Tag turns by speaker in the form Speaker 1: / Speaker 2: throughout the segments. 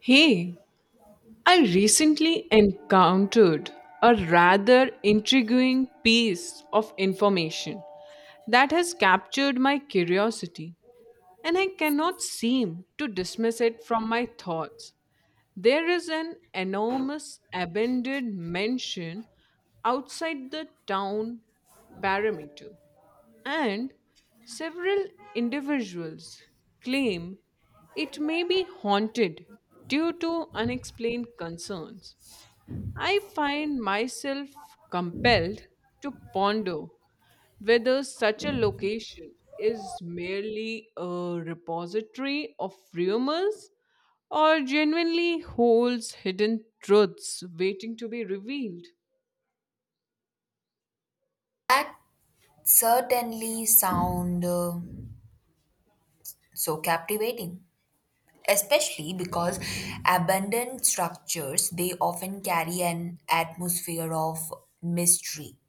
Speaker 1: Hey, I recently encountered a rather intriguing piece of information that has captured my curiosity, and I cannot seem to dismiss it from my thoughts. There is an enormous abandoned mansion outside the town perimeter, and several individuals claim it may be haunted due to unexplained concerns. I find myself compelled to ponder whether such a location is merely a repository of rumors or genuinely holds hidden truths waiting to be revealed.
Speaker 2: That certainly sound so captivating, especially because abandoned structures they often carry an atmosphere of mystery,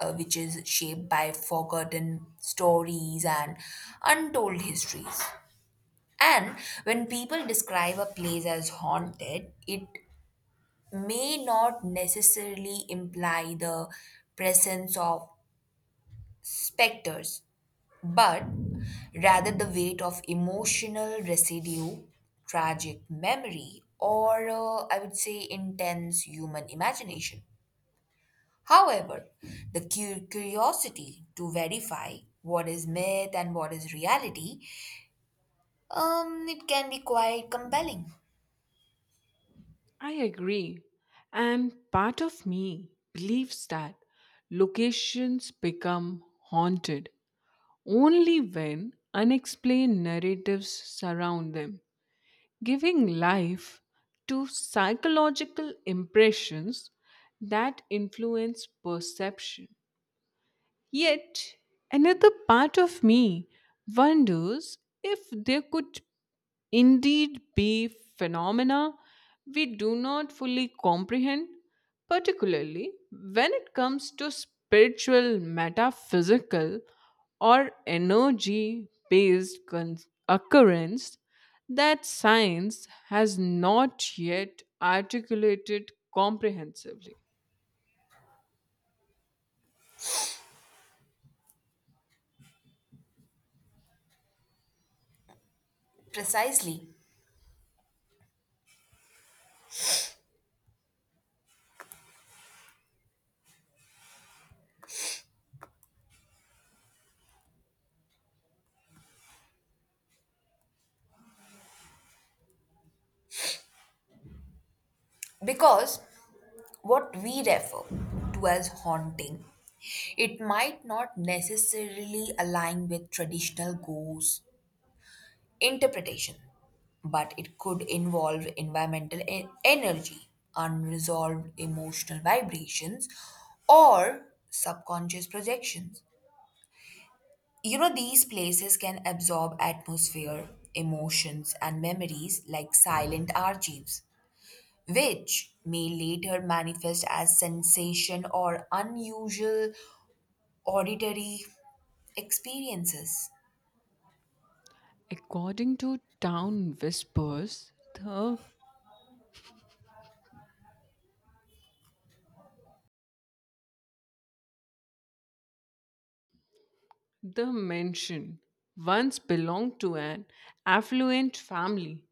Speaker 2: which is shaped by forgotten stories and untold histories. And when people describe a place as haunted, it may not necessarily imply the presence of specters but rather the weight of emotional residue, tragic memory, or I would say intense human imagination. However, the curiosity to verify what is myth and what is reality, it can be quite compelling.
Speaker 1: I agree. And part of me believes that locations become haunted only when unexplained narratives surround them, giving life to psychological impressions that influence perception. Yet, another part of me wonders if there could indeed be phenomena we do not fully comprehend, particularly when it comes to spiritual, metaphysical, or energy based occurrence that science has not yet articulated comprehensively.
Speaker 2: Precisely because what we refer to as haunting, it might not necessarily align with traditional ghosts interpretation, but it could involve environmental energy, unresolved emotional vibrations, or subconscious projections. You know, these places can absorb atmosphere, emotions, and memories like silent archives, which may later manifest as sensation or unusual auditory experiences.
Speaker 1: According to Town Whispers, the mansion once belonged to an affluent family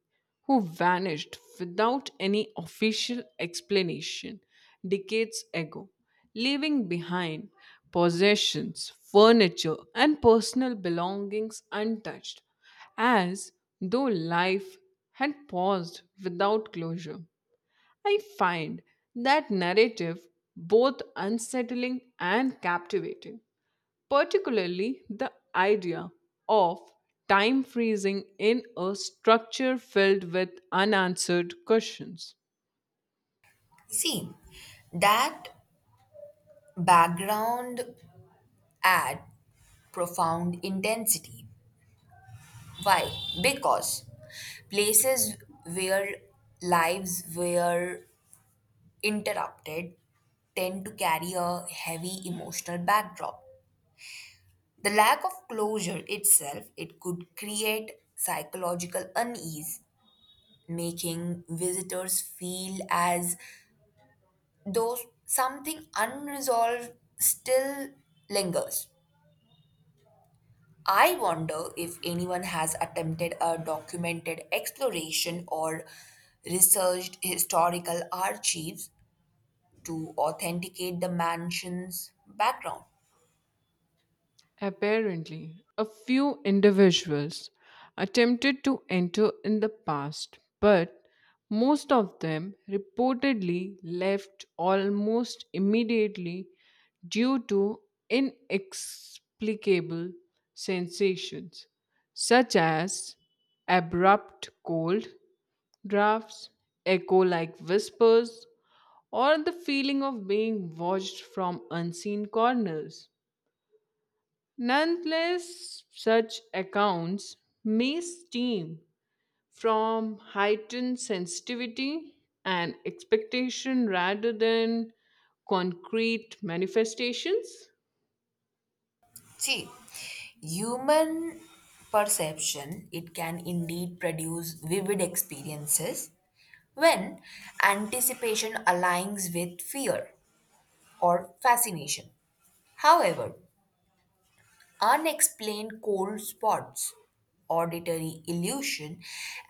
Speaker 1: who vanished without any official explanation decades ago, leaving behind possessions, furniture, and personal belongings untouched, as though life had paused without closure. I find that narrative both unsettling and captivating, particularly the idea of time freezing in a structure filled with unanswered questions.
Speaker 2: See, that background add profound intensity. Why? Because places where lives were interrupted tend to carry a heavy emotional backdrop. The lack of closure itself, it could create psychological unease, making visitors feel as though something unresolved still lingers. I wonder if anyone has attempted a documented exploration or researched historical archives to authenticate the mansion's background.
Speaker 1: Apparently, a few individuals attempted to enter in the past, but most of them reportedly left almost immediately due to inexplicable sensations such as abrupt cold, Drafts, echo like whispers, or the feeling of being watched from unseen corners. Nonetheless, such accounts may stem from heightened sensitivity and expectation rather than concrete manifestations.
Speaker 2: See, human perception it can indeed produce vivid experiences when anticipation aligns with fear or fascination. However, unexplained cold spots, auditory illusion,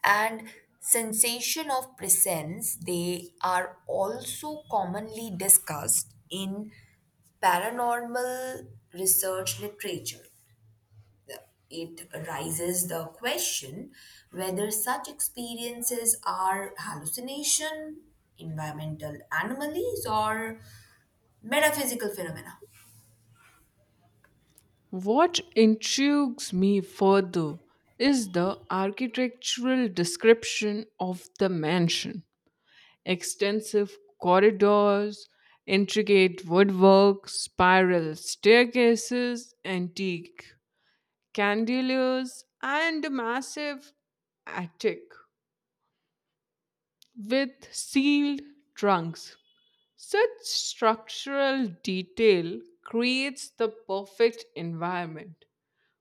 Speaker 2: and sensation of presence, they are also commonly discussed in paranormal research literature. It raises the question whether such experiences are hallucination, environmental anomalies, or metaphysical phenomena.
Speaker 1: What intrigues me further is the architectural description of the mansion: extensive corridors, intricate woodwork, spiral staircases, antique candeliers, and a massive attic with sealed trunks. Such structural detail creates the perfect environment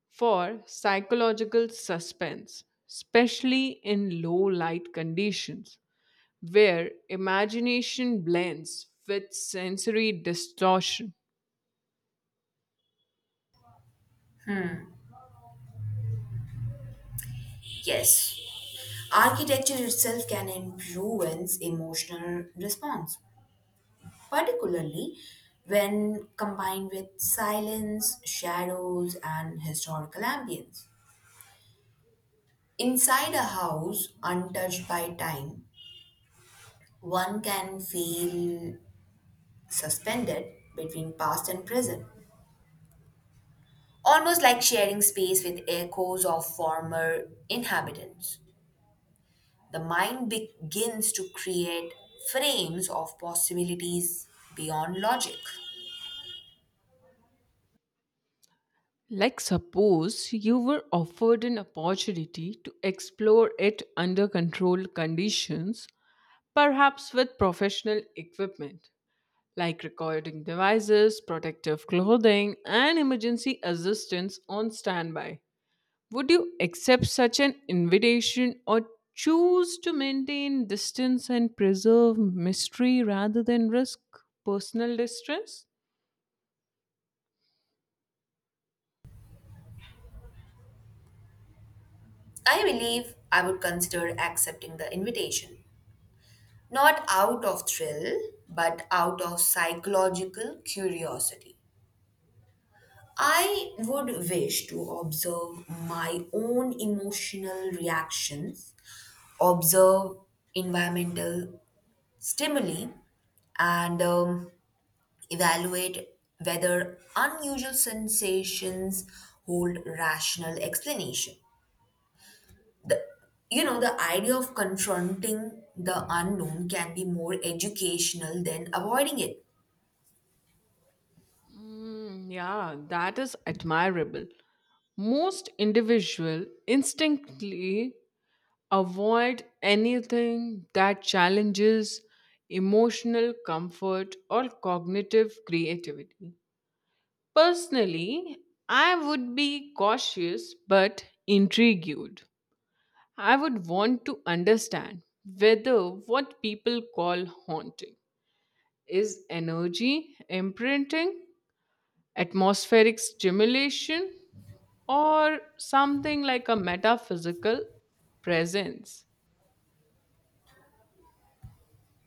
Speaker 1: for psychological suspense, especially in low light conditions, where imagination blends with sensory distortion.
Speaker 2: Yes, architecture itself can influence emotional response, particularly when combined with silence, shadows, and historical ambience. Inside a house untouched by time, one can feel suspended between past and present, almost like sharing space with echoes of former inhabitants. The mind begins to create frames of possibilities beyond logic.
Speaker 1: Like, suppose you were offered an opportunity to explore it under controlled conditions, perhaps with professional equipment like recording devices, protective clothing, and emergency assistance on standby. Would you accept such an invitation, or choose to maintain distance and preserve mystery rather than risk personal distress?
Speaker 2: I believe I would consider accepting the invitation, not out of thrill, but out of psychological curiosity. I would wish to observe my own emotional reactions, observe environmental stimuli, and evaluate whether unusual sensations hold rational explanation. The, the idea of confronting the unknown can be more educational than avoiding it.
Speaker 1: Mm, yeah, that is admirable. Most individual instinctively avoid anything that challenges emotional comfort or cognitive creativity. Personally, I would be cautious but intrigued. I would want to understand whether what people call haunting is energy imprinting, atmospheric stimulation, or something like a metaphysical presence.